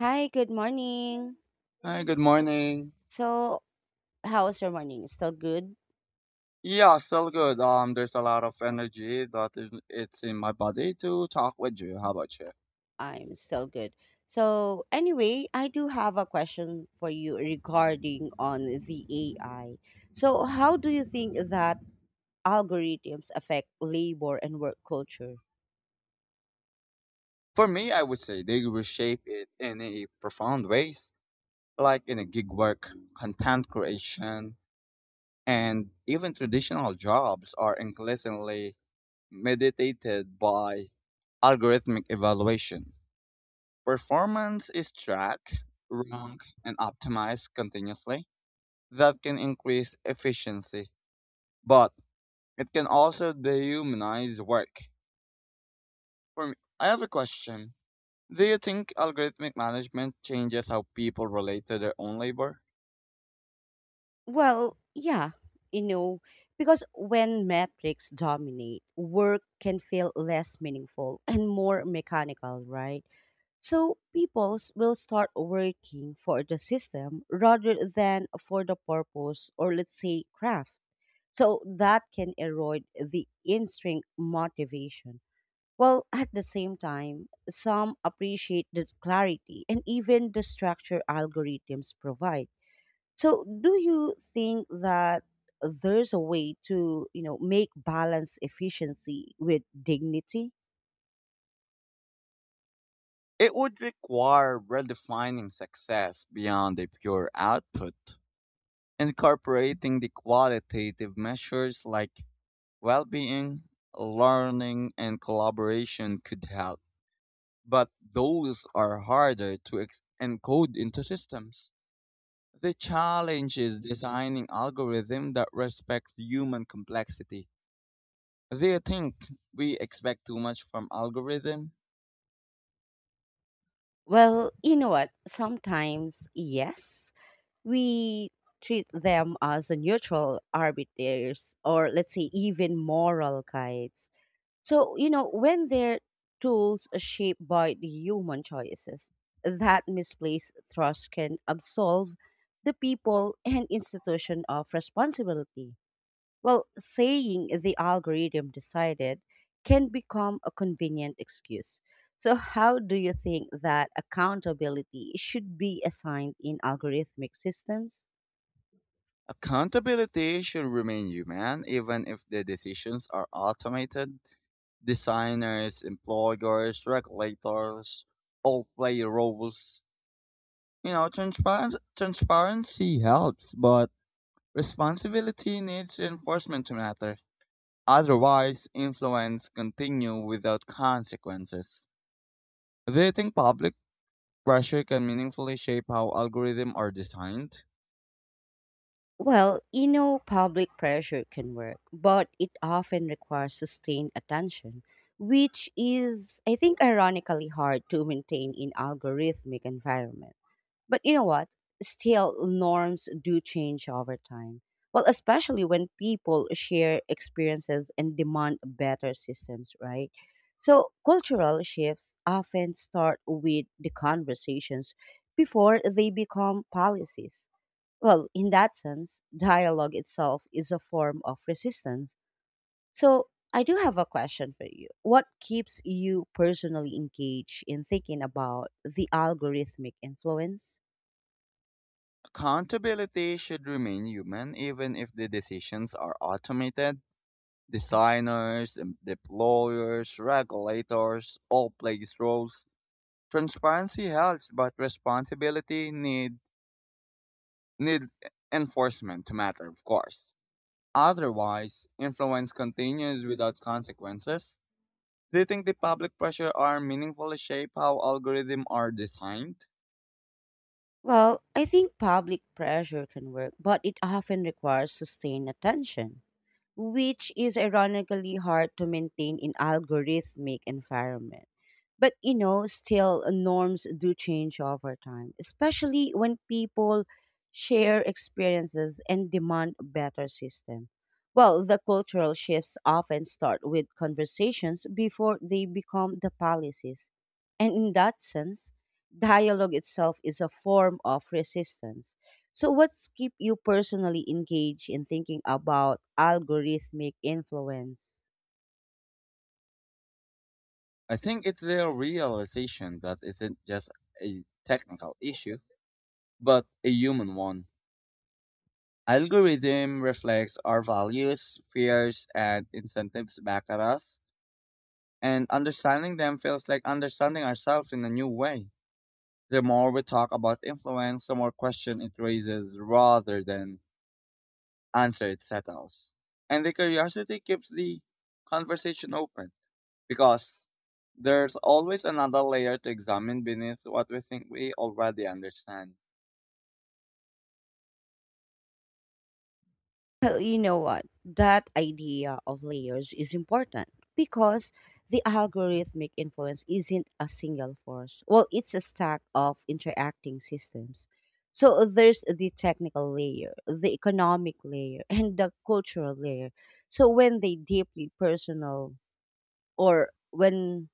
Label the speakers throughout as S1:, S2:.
S1: Hi, good morning.
S2: Hi, good morning.
S1: So, how's your morning? Still good?
S2: Yeah, still good. There's a lot of energy that is it's in my body to talk with you. How about you?
S1: I'm still good. So, anyway, I do have a question for you regarding on the AI. So, how do you think that algorithms affect labor and work culture?
S2: For me, I would say they reshape it in a profound ways, like in a gig work, content creation, and even traditional jobs are increasingly mediated by algorithmic evaluation. Performance is tracked, ranked, and optimized continuously. That can increase efficiency, but it can also dehumanize work. For me, I have a question. Do you think algorithmic management changes how people relate to their own labor?
S1: Well, yeah, you know, because when metrics dominate, work can feel less meaningful and more mechanical, right? So people will start working for the system rather than for the purpose or let's say craft. So that can erode the intrinsic motivation. Well, at the same time, some appreciate the clarity and even the structure algorithms provide. So do you think that there's a way to, make balance efficiency with dignity?
S2: It would require redefining success beyond a pure output. Incorporating the qualitative measures like well-being, learning, and collaboration could help. But those are harder to encode into systems. The challenge is designing algorithms that respects human complexity. Do you think we expect too much from algorithms?
S1: Well, you know what? Sometimes yes, we treat them as a neutral arbiters or let's say even moral guides. So when their tools are shaped by the human choices, that misplaced trust can absolve the people and institution of responsibility. Well, saying the algorithm decided can become a convenient excuse. So, how do you think that accountability should be assigned in algorithmic systems?
S2: Accountability should remain human even if the decisions are automated. Designers, employers, regulators all play roles. You know, transparency helps, but responsibility needs enforcement to matter. Otherwise, influence continue without consequences. Do you think public pressure can meaningfully shape how algorithms are designed?
S1: Public pressure can work, but it often requires sustained attention, which is, I think, ironically hard to maintain in algorithmic environment. But you know what? Still, norms do change over time. Well, especially when people share experiences and demand better systems, right? So, cultural shifts often start with the conversations before they become policies. Well, in that sense, dialogue itself is a form of resistance. So, I do have a question for you. What keeps you personally engaged in thinking about the algorithmic influence?
S2: Accountability should remain human even if the decisions are automated. Designers, deployers, regulators all play these roles. Transparency helps, but responsibility need enforcement to matter, of course. Otherwise, influence continues without consequences. Do you think the public pressure are meaningfully shape how algorithms are designed?
S1: Well, I think public pressure can work, but it often requires sustained attention, which is ironically hard to maintain in algorithmic environment. But you know, still norms do change over time, especially when people share experiences and demand a better system. Well, the cultural shifts often start with conversations before they become the policies. And in that sense, dialogue itself is a form of resistance. So what's keep you personally engaged in thinking about algorithmic influence?
S2: I think it's their realization that isn't just a technical issue, but a human one. Algorithm reflects our values, fears, and incentives back at us, and understanding them feels like understanding ourselves in a new way. The more we talk about influence, the more question it raises rather than answer it settles. And the curiosity keeps the conversation open, because there's always another layer to examine beneath what we think we already understand.
S1: Well, you know what? That idea of layers is important because the algorithmic influence isn't a single force. Well, it's a stack of interacting systems. So there's the technical layer, the economic layer, and the cultural layer. So when they deeply personal or when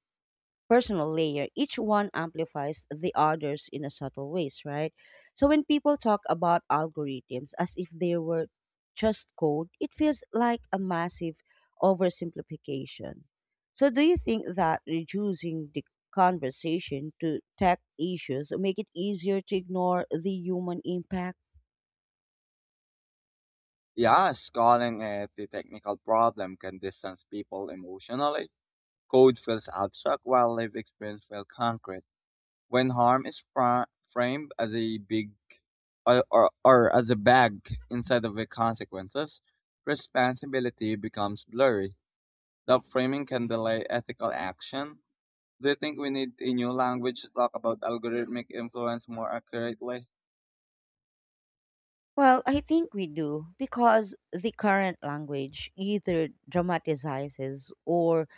S1: personal layer, each one amplifies the others in a subtle ways, right? So when people talk about algorithms as if they were just code, it feels like a massive oversimplification. So do you think that reducing the conversation to tech issues make it easier to ignore the human impact?
S2: Yes, calling it the technical problem can distance people emotionally. Code feels abstract while lived experience feels concrete. When harm is framed as a big or as a bag inside of the consequences, responsibility becomes blurry. That framing can delay ethical action. Do you think we need a new language to talk about algorithmic influence more accurately?
S1: Well, I think we do because the current language either dramatizes or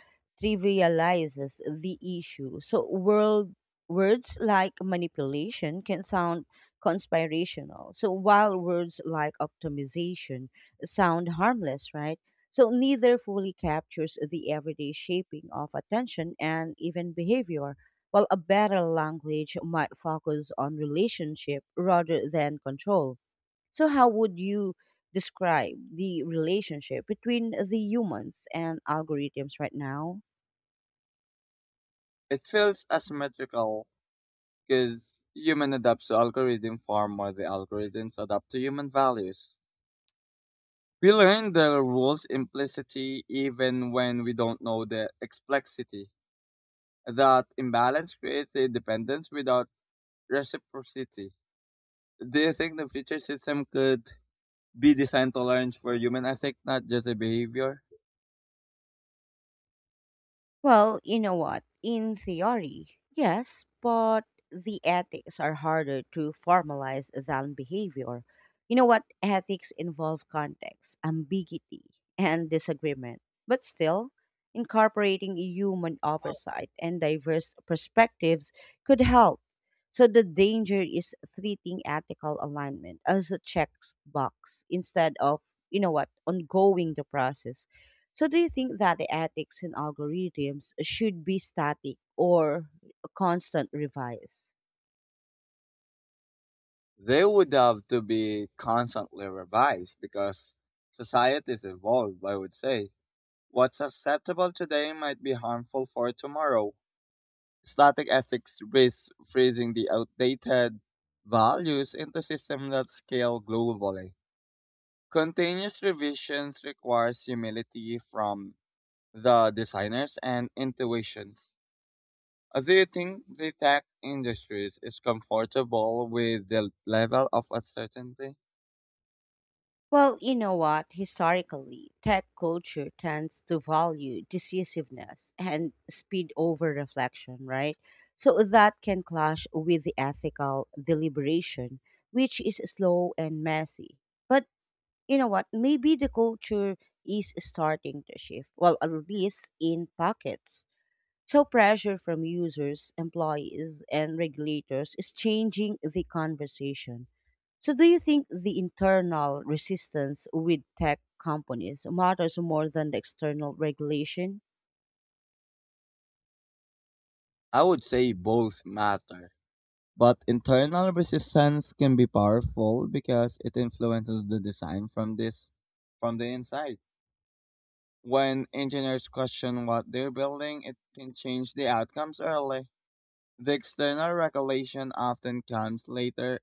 S1: trivializes the issue. So, words like manipulation can sound conspirational. So, while words like optimization sound harmless, right? So, neither fully captures the everyday shaping of attention and even behavior. While a better language might focus on relationship rather than control. So, how would you describe the relationship between the humans and algorithms right now?
S2: It feels asymmetrical because human adapts to algorithm far more than algorithms adapt to human values. We learn the rules implicitly even when we don't know the complexity. That imbalance creates a dependence without reciprocity. Do you think the future system could be designed to learn for human ethic, not just a behavior?
S1: Well, you know what? In theory, yes, but the ethics are harder to formalize than behavior. You know what? Ethics involve context, ambiguity, and disagreement. But still, incorporating human oversight and diverse perspectives could help. So the danger is treating ethical alignment as a checkbox instead of, ongoing the process. So do you think that the ethics in algorithms should be static or a constant revise?
S2: They would have to be constantly revised because societies evolve, I would say. What's acceptable today might be harmful for tomorrow. Static ethics risks freezing the outdated values into systems that scale globally. Continuous revisions requires humility from the designers and intuitions. Do you think the tech industries is comfortable with the level of uncertainty?
S1: Well, you know what? Historically, tech culture tends to value decisiveness and speed over reflection, right? So that can clash with the ethical deliberation, which is slow and messy. But you know what? Maybe the culture is starting to shift. Well, at least in pockets. So, pressure from users, employees, and regulators is changing the conversation. So, do you think the internal resistance with tech companies matters more than the external regulation?
S2: I would say both matter, but internal resistance can be powerful because it influences the design from this from the inside. When engineers question what they're building, it can change the outcomes early. The external regulation often comes later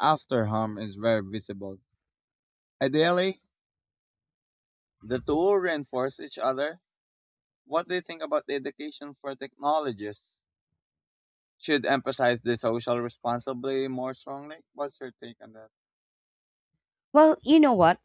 S2: after harm is very visible. Ideally, the two reinforce each other. What do you think about the education for technologists? Should emphasize the social responsibility more strongly. What's your take on that?
S1: Well, you know what?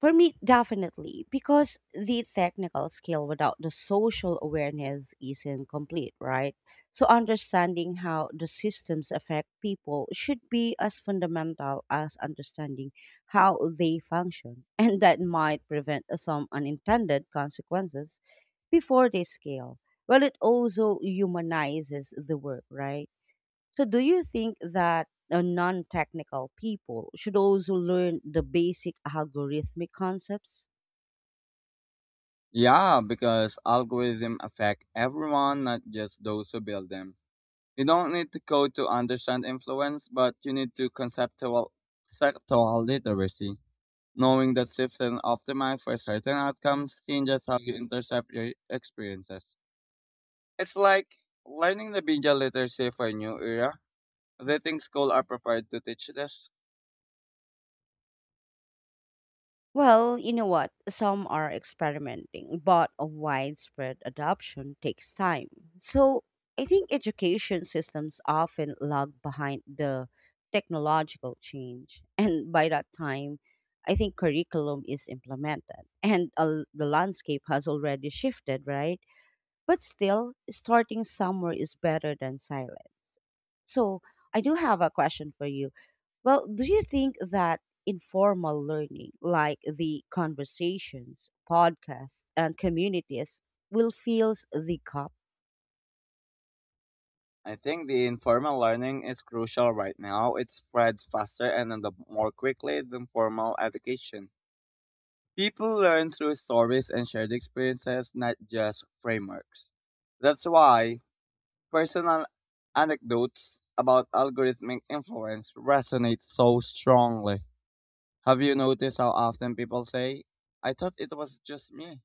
S1: For me, definitely, because the technical skill without the social awareness is incomplete, right? So, understanding how the systems affect people should be as fundamental as understanding how they function, and that might prevent some unintended consequences before they scale. Well, it also humanizes the work, right? So, do you think that non technical people should also learn the basic algorithmic concepts?
S2: Yeah, because algorithms affect everyone, not just those who build them. You don't need to code to understand influence, but you need to conceptual sectoral literacy. Knowing that shifts and optimize for certain outcomes changes how you intercept your experiences. It's like learning the media literacy for a new era. Do you think schools are prepared to teach this?
S1: Well, you know what? Some are experimenting, but a widespread adoption takes time. So, I think education systems often lag behind the technological change. And by that time, I think curriculum is implemented and the landscape has already shifted, right? But still, starting somewhere is better than silence. So, I do have a question for you. Well, do you think that informal learning, like the conversations, podcasts, and communities, will fill the gap?
S2: I think the informal learning is crucial right now. It spreads faster and the more quickly than formal education. People learn through stories and shared experiences, not just frameworks. That's why personal anecdotes about algorithmic influence resonate so strongly. Have you noticed how often people say, I thought it was just me?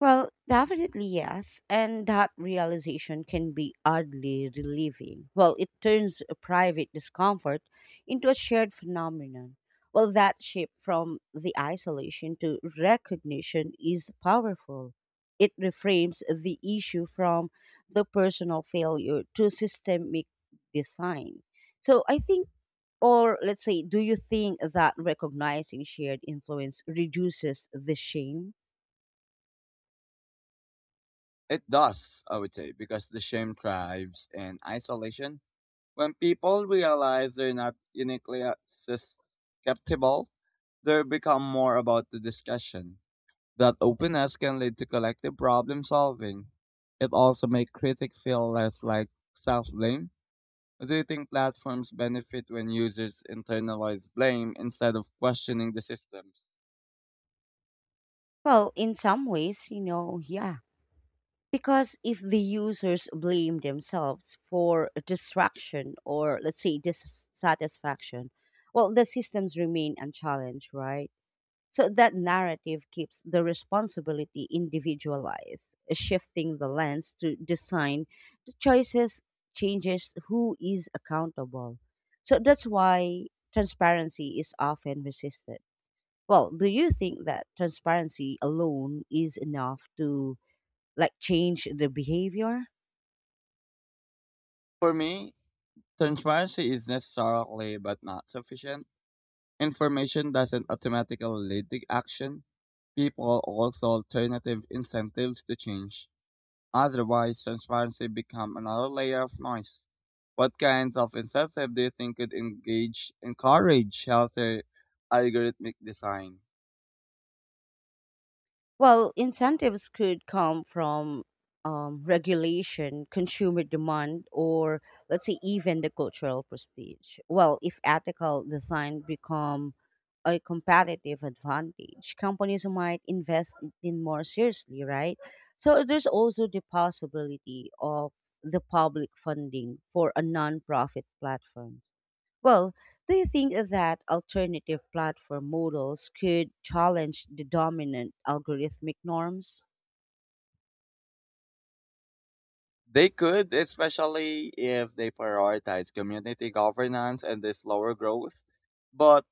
S1: Well, definitely yes. And that realization can be oddly relieving. Well, it turns a private discomfort into a shared phenomenon. Well, that shift from the isolation to recognition is powerful. It reframes the issue from the personal failure to systemic design. So I think, or let's say, do you think that recognizing shared influence reduces the shame?
S2: It does, I would say, because the shame thrives in isolation. When people realize they're not uniquely susceptible, they become more about the discussion. That openness can lead to collective problem solving. It also makes critics feel less like self blame. Do you think platforms benefit when users internalize blame instead of questioning the systems?
S1: Well, in some ways, you know, yeah. Because if the users blame themselves for distraction or, let's say, dissatisfaction, well, the systems remain unchallenged, right? So that narrative keeps the responsibility individualized, shifting the lens to design the choices, changes who is accountable. So that's why transparency is often resisted. Well, do you think that transparency alone is enough to like change the behavior?
S2: For me, transparency is necessarily but not sufficient. Information doesn't automatically lead to action. People also alternative incentives to change. Otherwise, transparency becomes another layer of noise. What kinds of incentive do you think could engage encourage healthy algorithmic design?
S1: Well, incentives could come from regulation, consumer demand, or let's say even the cultural prestige. Well, if ethical design become a competitive advantage, companies might invest in more seriously, right? So there's also the possibility of the public funding for a non-profit platforms. Well, do you think that alternative platform models could challenge the dominant algorithmic norms?
S2: They could, especially if they prioritize community governance and the slower growth. But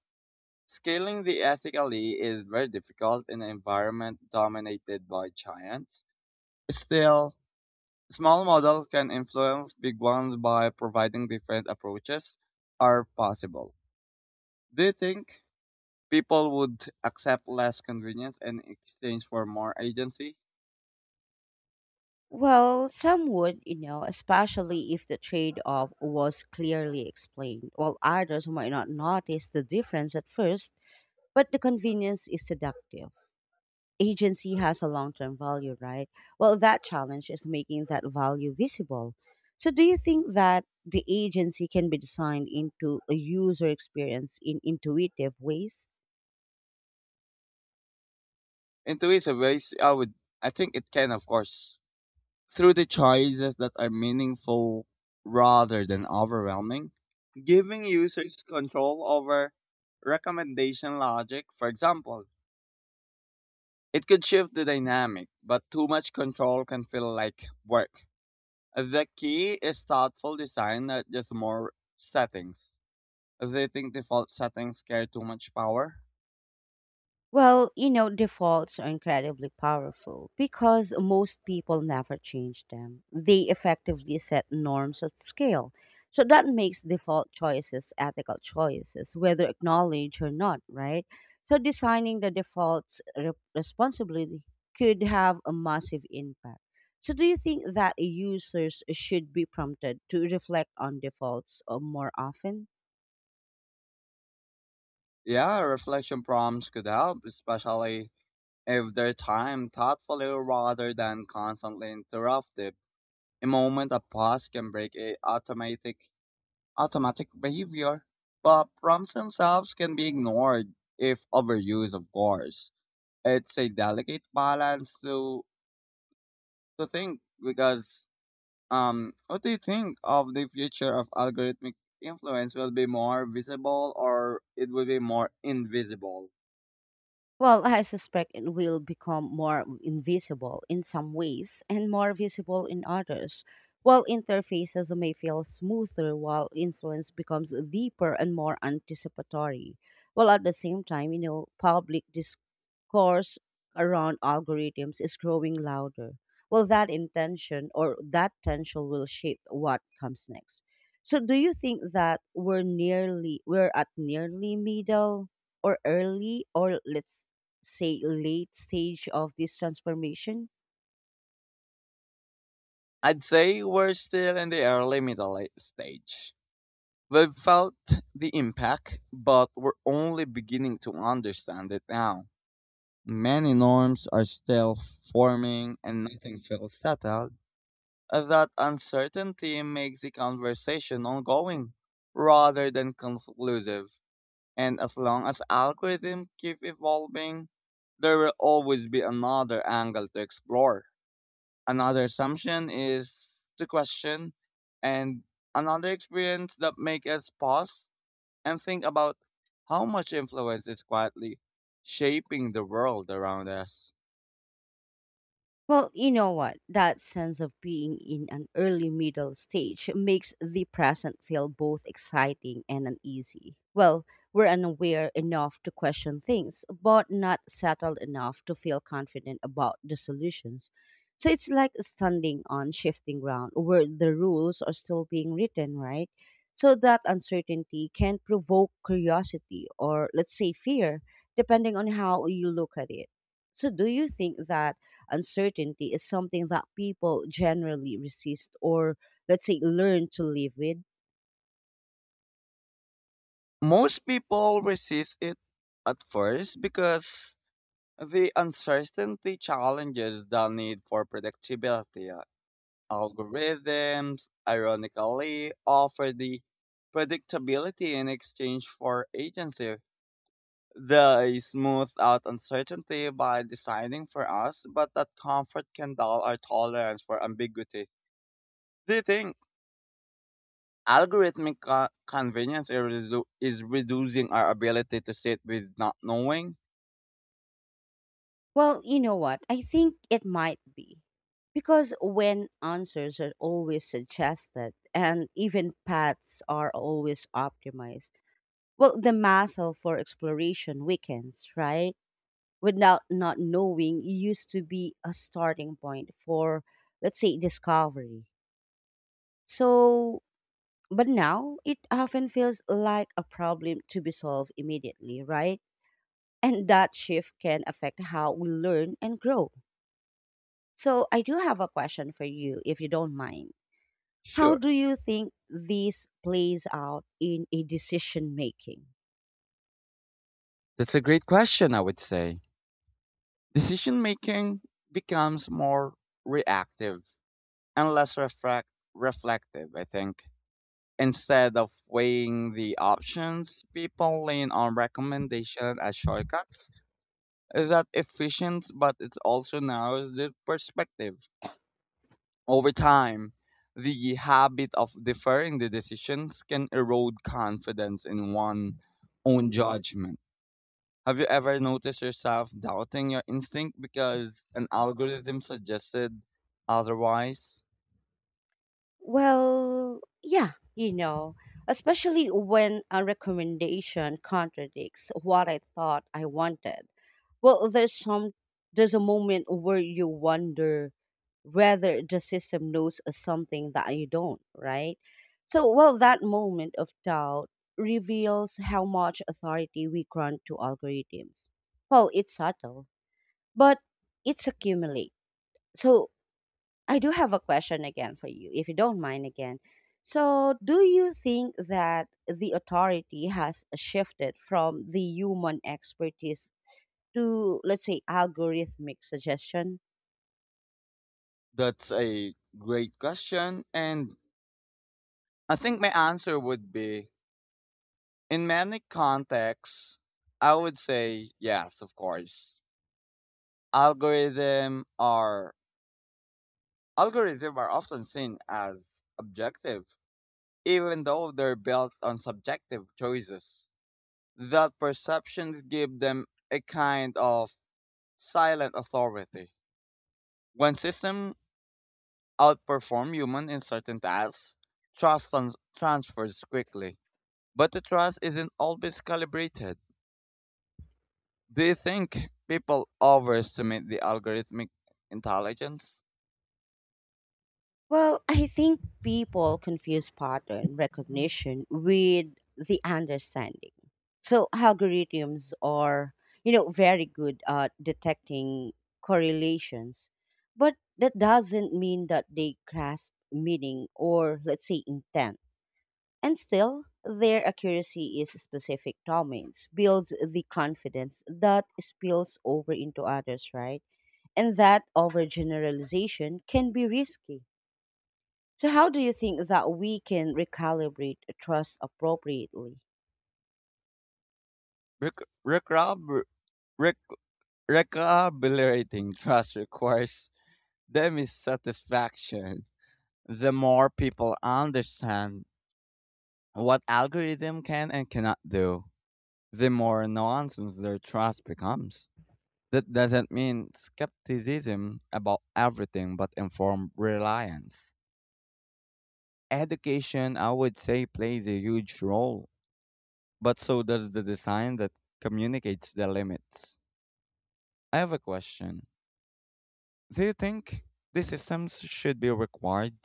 S2: scaling the ethically is very difficult in an environment dominated by giants. Still, small models can influence big ones by providing different approaches are possible. Do you think people would accept less convenience in exchange for more agency?
S1: Well, some would, you know, Especially if the trade off was clearly explained, while others might not notice the difference at first, but the convenience is seductive. Agency has a long term value, right? Well, that challenge is making that value visible. So, do you think that the agency can be designed into a user experience in intuitive ways?
S2: In two ways, ways I would, I think it can, of course, through the choices that are meaningful rather than overwhelming, giving users control over recommendation logic. For example, it could shift the dynamic, but too much control can feel like work. The key is thoughtful design, not just more settings. They think default settings carry too much power.
S1: Defaults are incredibly powerful because most people never change them. They effectively set norms at scale. So that makes default choices ethical choices, whether acknowledged or not, right? So designing the defaults responsibly could have a massive impact. So do you think that users should be prompted to reflect on defaults more often?
S2: Yeah, reflection prompts could help, especially if they're timed thoughtfully rather than constantly interrupted. A moment of pause can break a automatic behavior, but prompts themselves can be ignored if overused, of course. It's a delicate balance to think because what do you think of the future of algorithmic influence? Will be more visible or it will be more invisible?
S1: Well, I suspect it will become more invisible in some ways and more visible in others. While interfaces may feel smoother, while influence becomes deeper and more anticipatory. While at the same time, public discourse around algorithms is growing louder. Well, that intention or that tension will shape what comes next. So, do you think that we're at nearly middle? Or early or let's say late stage of this transformation?
S2: I'd say we're still in the early middle stage. We've felt the impact, but we're only beginning to understand it now. Many norms are still forming and nothing feels settled. That uncertainty makes the conversation ongoing rather than conclusive. And as long as algorithms keep evolving, there will always be another angle to explore. Another assumption is to question, and another experience that make us pause and think about how much influence is quietly shaping the world around us.
S1: Well, you know what? That sense of being in an early middle stage makes the present feel both exciting and uneasy. Well, we're unaware enough to question things, but not settled enough to feel confident about the solutions. So it's like standing on shifting ground where the rules are still being written, right? So that uncertainty can provoke curiosity or, let's say, fear, depending on how you look at it. So, do you think that uncertainty is something that people generally resist or, let's say, learn to live with?
S2: Most people resist it at first because the uncertainty challenges the need for predictability. Algorithms, ironically, offer the predictability in exchange for agency. They smooth out uncertainty by deciding for us, but that comfort can dull our tolerance for ambiguity. Do you think algorithmic convenience is, is reducing our ability to sit with not knowing?
S1: Well, you know what? I think it might be. Because when answers are always suggested and even paths are always optimized, well, the muscle for exploration weakens, right? Without not knowing used to be a starting point for, let's say, discovery. So but now it often feels like a problem to be solved immediately, right? And that shift can affect how we learn and grow. So I do have a question for you, if you don't mind. How
S2: Sure.
S1: do you think this plays out in a decision making?
S2: That's a great question, I would say. Decision making becomes more reactive and less reflective, I think. Instead of weighing the options, people lean on recommendation as shortcuts. Is that efficient, but it also narrows the perspective. Over time, the habit of deferring the decisions can erode confidence in one's own judgment. Have you ever noticed yourself doubting your instinct because an algorithm suggested otherwise?
S1: Well, yeah, you know, Especially when a recommendation contradicts what I thought I wanted. Well, there's a moment where you wonder whether the system knows something that you don't, right? So, well, that moment of doubt reveals how much authority we grant to algorithms. Well, it's subtle, but it's accumulate. So, I do have a question again for you, if you don't mind again. So, do you think that the authority has shifted from the human expertise to, let's say, algorithmic suggestion?
S2: That's a great question. And I think my answer would be in many contexts, I would say yes, of course, algorithm are algorithms are often seen as objective, even though they're built on subjective choices. That perceptions give them a kind of silent authority. When systems outperform humans in certain tasks, transfers quickly, but the trust isn't always calibrated. Do you think people overestimate the algorithmic intelligence?
S1: Well, I think people confuse pattern recognition with the understanding. So algorithms are, very good at detecting correlations, but that doesn't mean that they grasp meaning or let's say intent. And still, their accuracy is specific domains, builds the confidence that spills over into others, right? And that overgeneralization can be risky. So, how do you think that we can recalibrate trust appropriately?
S2: Rick, Rick, Rob, Recalibrating trust requires dissatisfaction. The more people understand what algorithm can and cannot do, the more nonsense their trust becomes. That doesn't mean skepticism about everything, but informed reliance. Education, I would say, plays a huge role, but so does the design that communicates the limits. I have a question. Do you think these systems should be required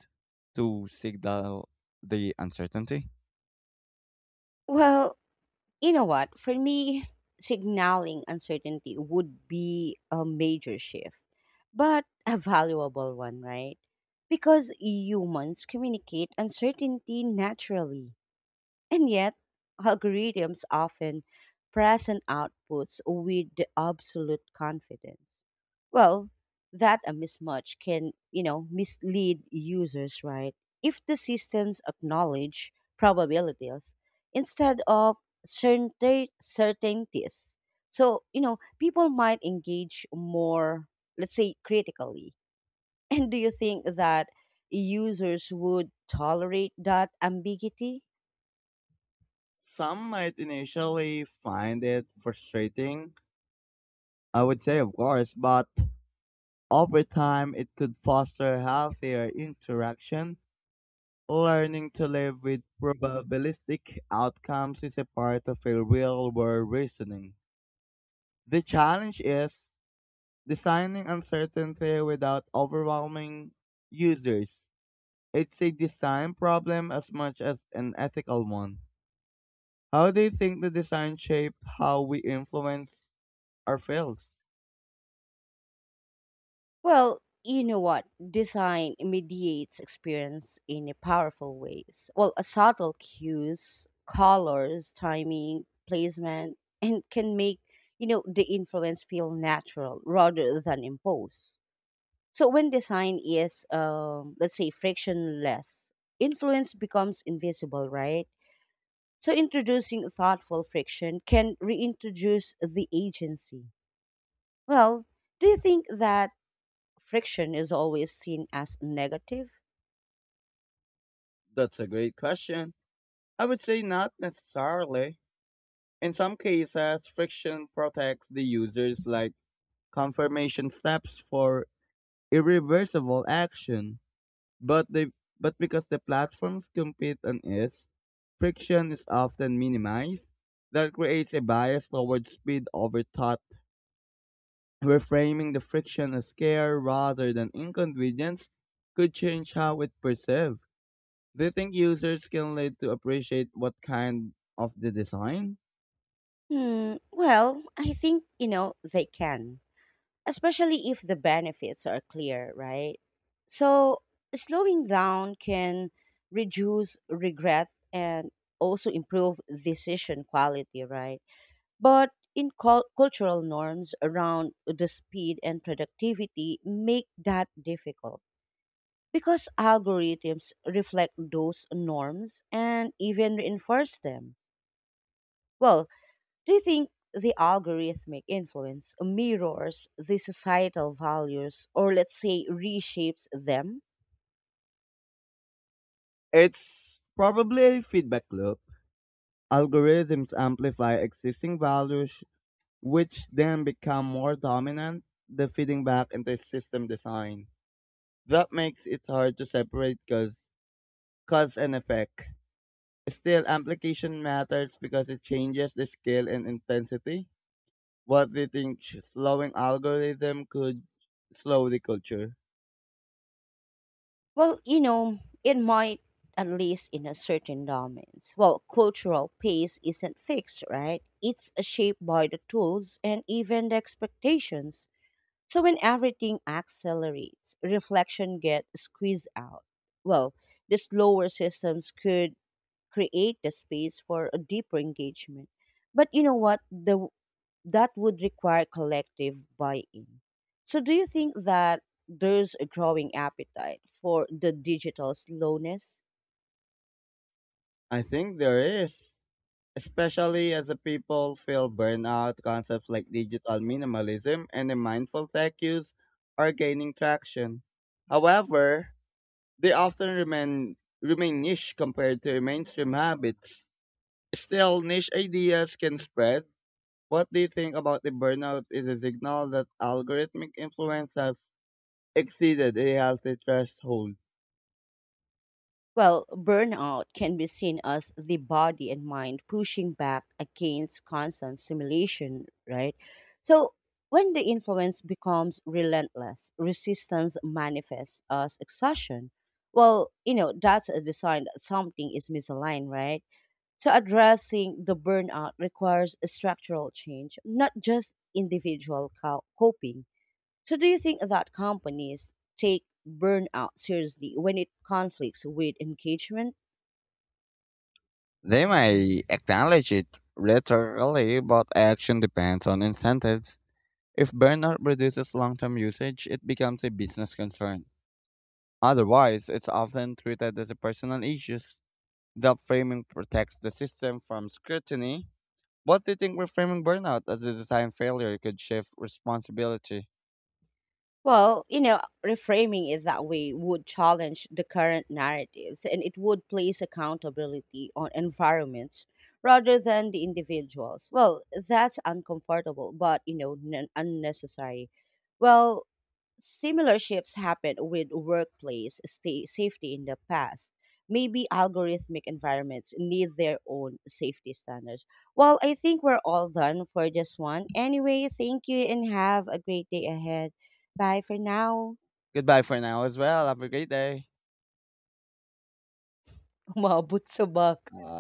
S2: to signal the uncertainty?
S1: Well, you know what? For me, signaling uncertainty would be a major shift, but a valuable one, right? Because humans communicate uncertainty naturally. And yet, algorithms often present outputs with the absolute confidence. Well, that a mismatch can, mislead users, right? If the systems acknowledge probabilities instead of certain certainties. So, people might engage more, let's say, critically. And do you think that users would tolerate that ambiguity?
S2: Some might initially find it frustrating, I would say, of course, but over time it could foster healthier interaction. Learning to live with probabilistic outcomes is a part of a real world reasoning. The challenge is designing uncertainty without overwhelming users. It's a design problem as much as an ethical one. How do you think the design shaped how we influence our fields?
S1: Well, you know what? Design mediates experience in a powerful ways. Well, a subtle cues, colors, timing, placement, and can make, the influence feel natural rather than imposed. So when design is let's say frictionless, influence becomes invisible, right? So introducing thoughtful friction can reintroduce the agency. Well, do you think that friction is always seen as negative?
S2: That's a great question. I would say not necessarily. In some cases, friction protects the users like confirmation steps for irreversible action. But they but because the platforms compete on is, friction is often minimized. That creates a bias towards speed over thought. Reframing the friction as care rather than inconvenience could change how it perceived. Do you think users can learn to appreciate what kind of the design?
S1: Hmm, well, I think, you know, They can, especially if the benefits are clear, right? So slowing down can reduce regret and also improve decision quality, right? But in cultural norms around the speed and productivity make that difficult because algorithms reflect those norms and even reinforce them. Well, do you think the algorithmic influence mirrors the societal values or let's say reshapes them?
S2: It's probably a feedback loop. Algorithms amplify existing values, which then become more dominant, the feeding back into system design. That makes it hard to separate cause and effect. Still, application matters because it changes the scale and intensity. What do you think slowing algorithm could slow the culture?
S1: It might, at least in a certain domains. Well, cultural pace isn't fixed, right? It's shaped by the tools and even the expectations. So when everything accelerates, reflection gets squeezed out. Well, the slower systems could create the space for a deeper engagement. But you know what? The That would require collective buy-in. So do you think that there's a growing appetite for the digital slowness?
S2: I think there is, especially as the people feel burnout. Concepts like digital minimalism and the mindful tech use are gaining traction. However, they often remain niche compared to mainstream habits. Still, niche ideas can spread. What do you think about the burnout is a signal that algorithmic influence has exceeded a healthy threshold?
S1: Well, burnout can be seen as the body and mind pushing back against constant stimulation, right? So when the influence becomes relentless, resistance manifests as exhaustion. Well, that's a sign that something is misaligned, right? So addressing the burnout requires a structural change, not just individual coping. So do you think that companies take burnout seriously when it conflicts with engagement?
S2: They may acknowledge it rhetorically, but action depends on incentives. If burnout reduces long term usage, it becomes a business concern. Otherwise, it's often treated as a personal issue. That framing protects the system from scrutiny. What do you think reframing burnout as a design failure could shift responsibility?
S1: Well, you know, Reframing it that way would challenge the current narratives and it would place accountability on environments rather than the individuals. Well, that's uncomfortable, but n- unnecessary. Well, similar shifts happened with workplace sta safety in the past. Maybe algorithmic environments need their own safety standards. Well, I think we're all done for this one. Anyway, thank you and have a great day ahead. Bye for now.
S2: Goodbye for now as well. Have a great day.
S1: Umabot sa bug.
S2: Uh,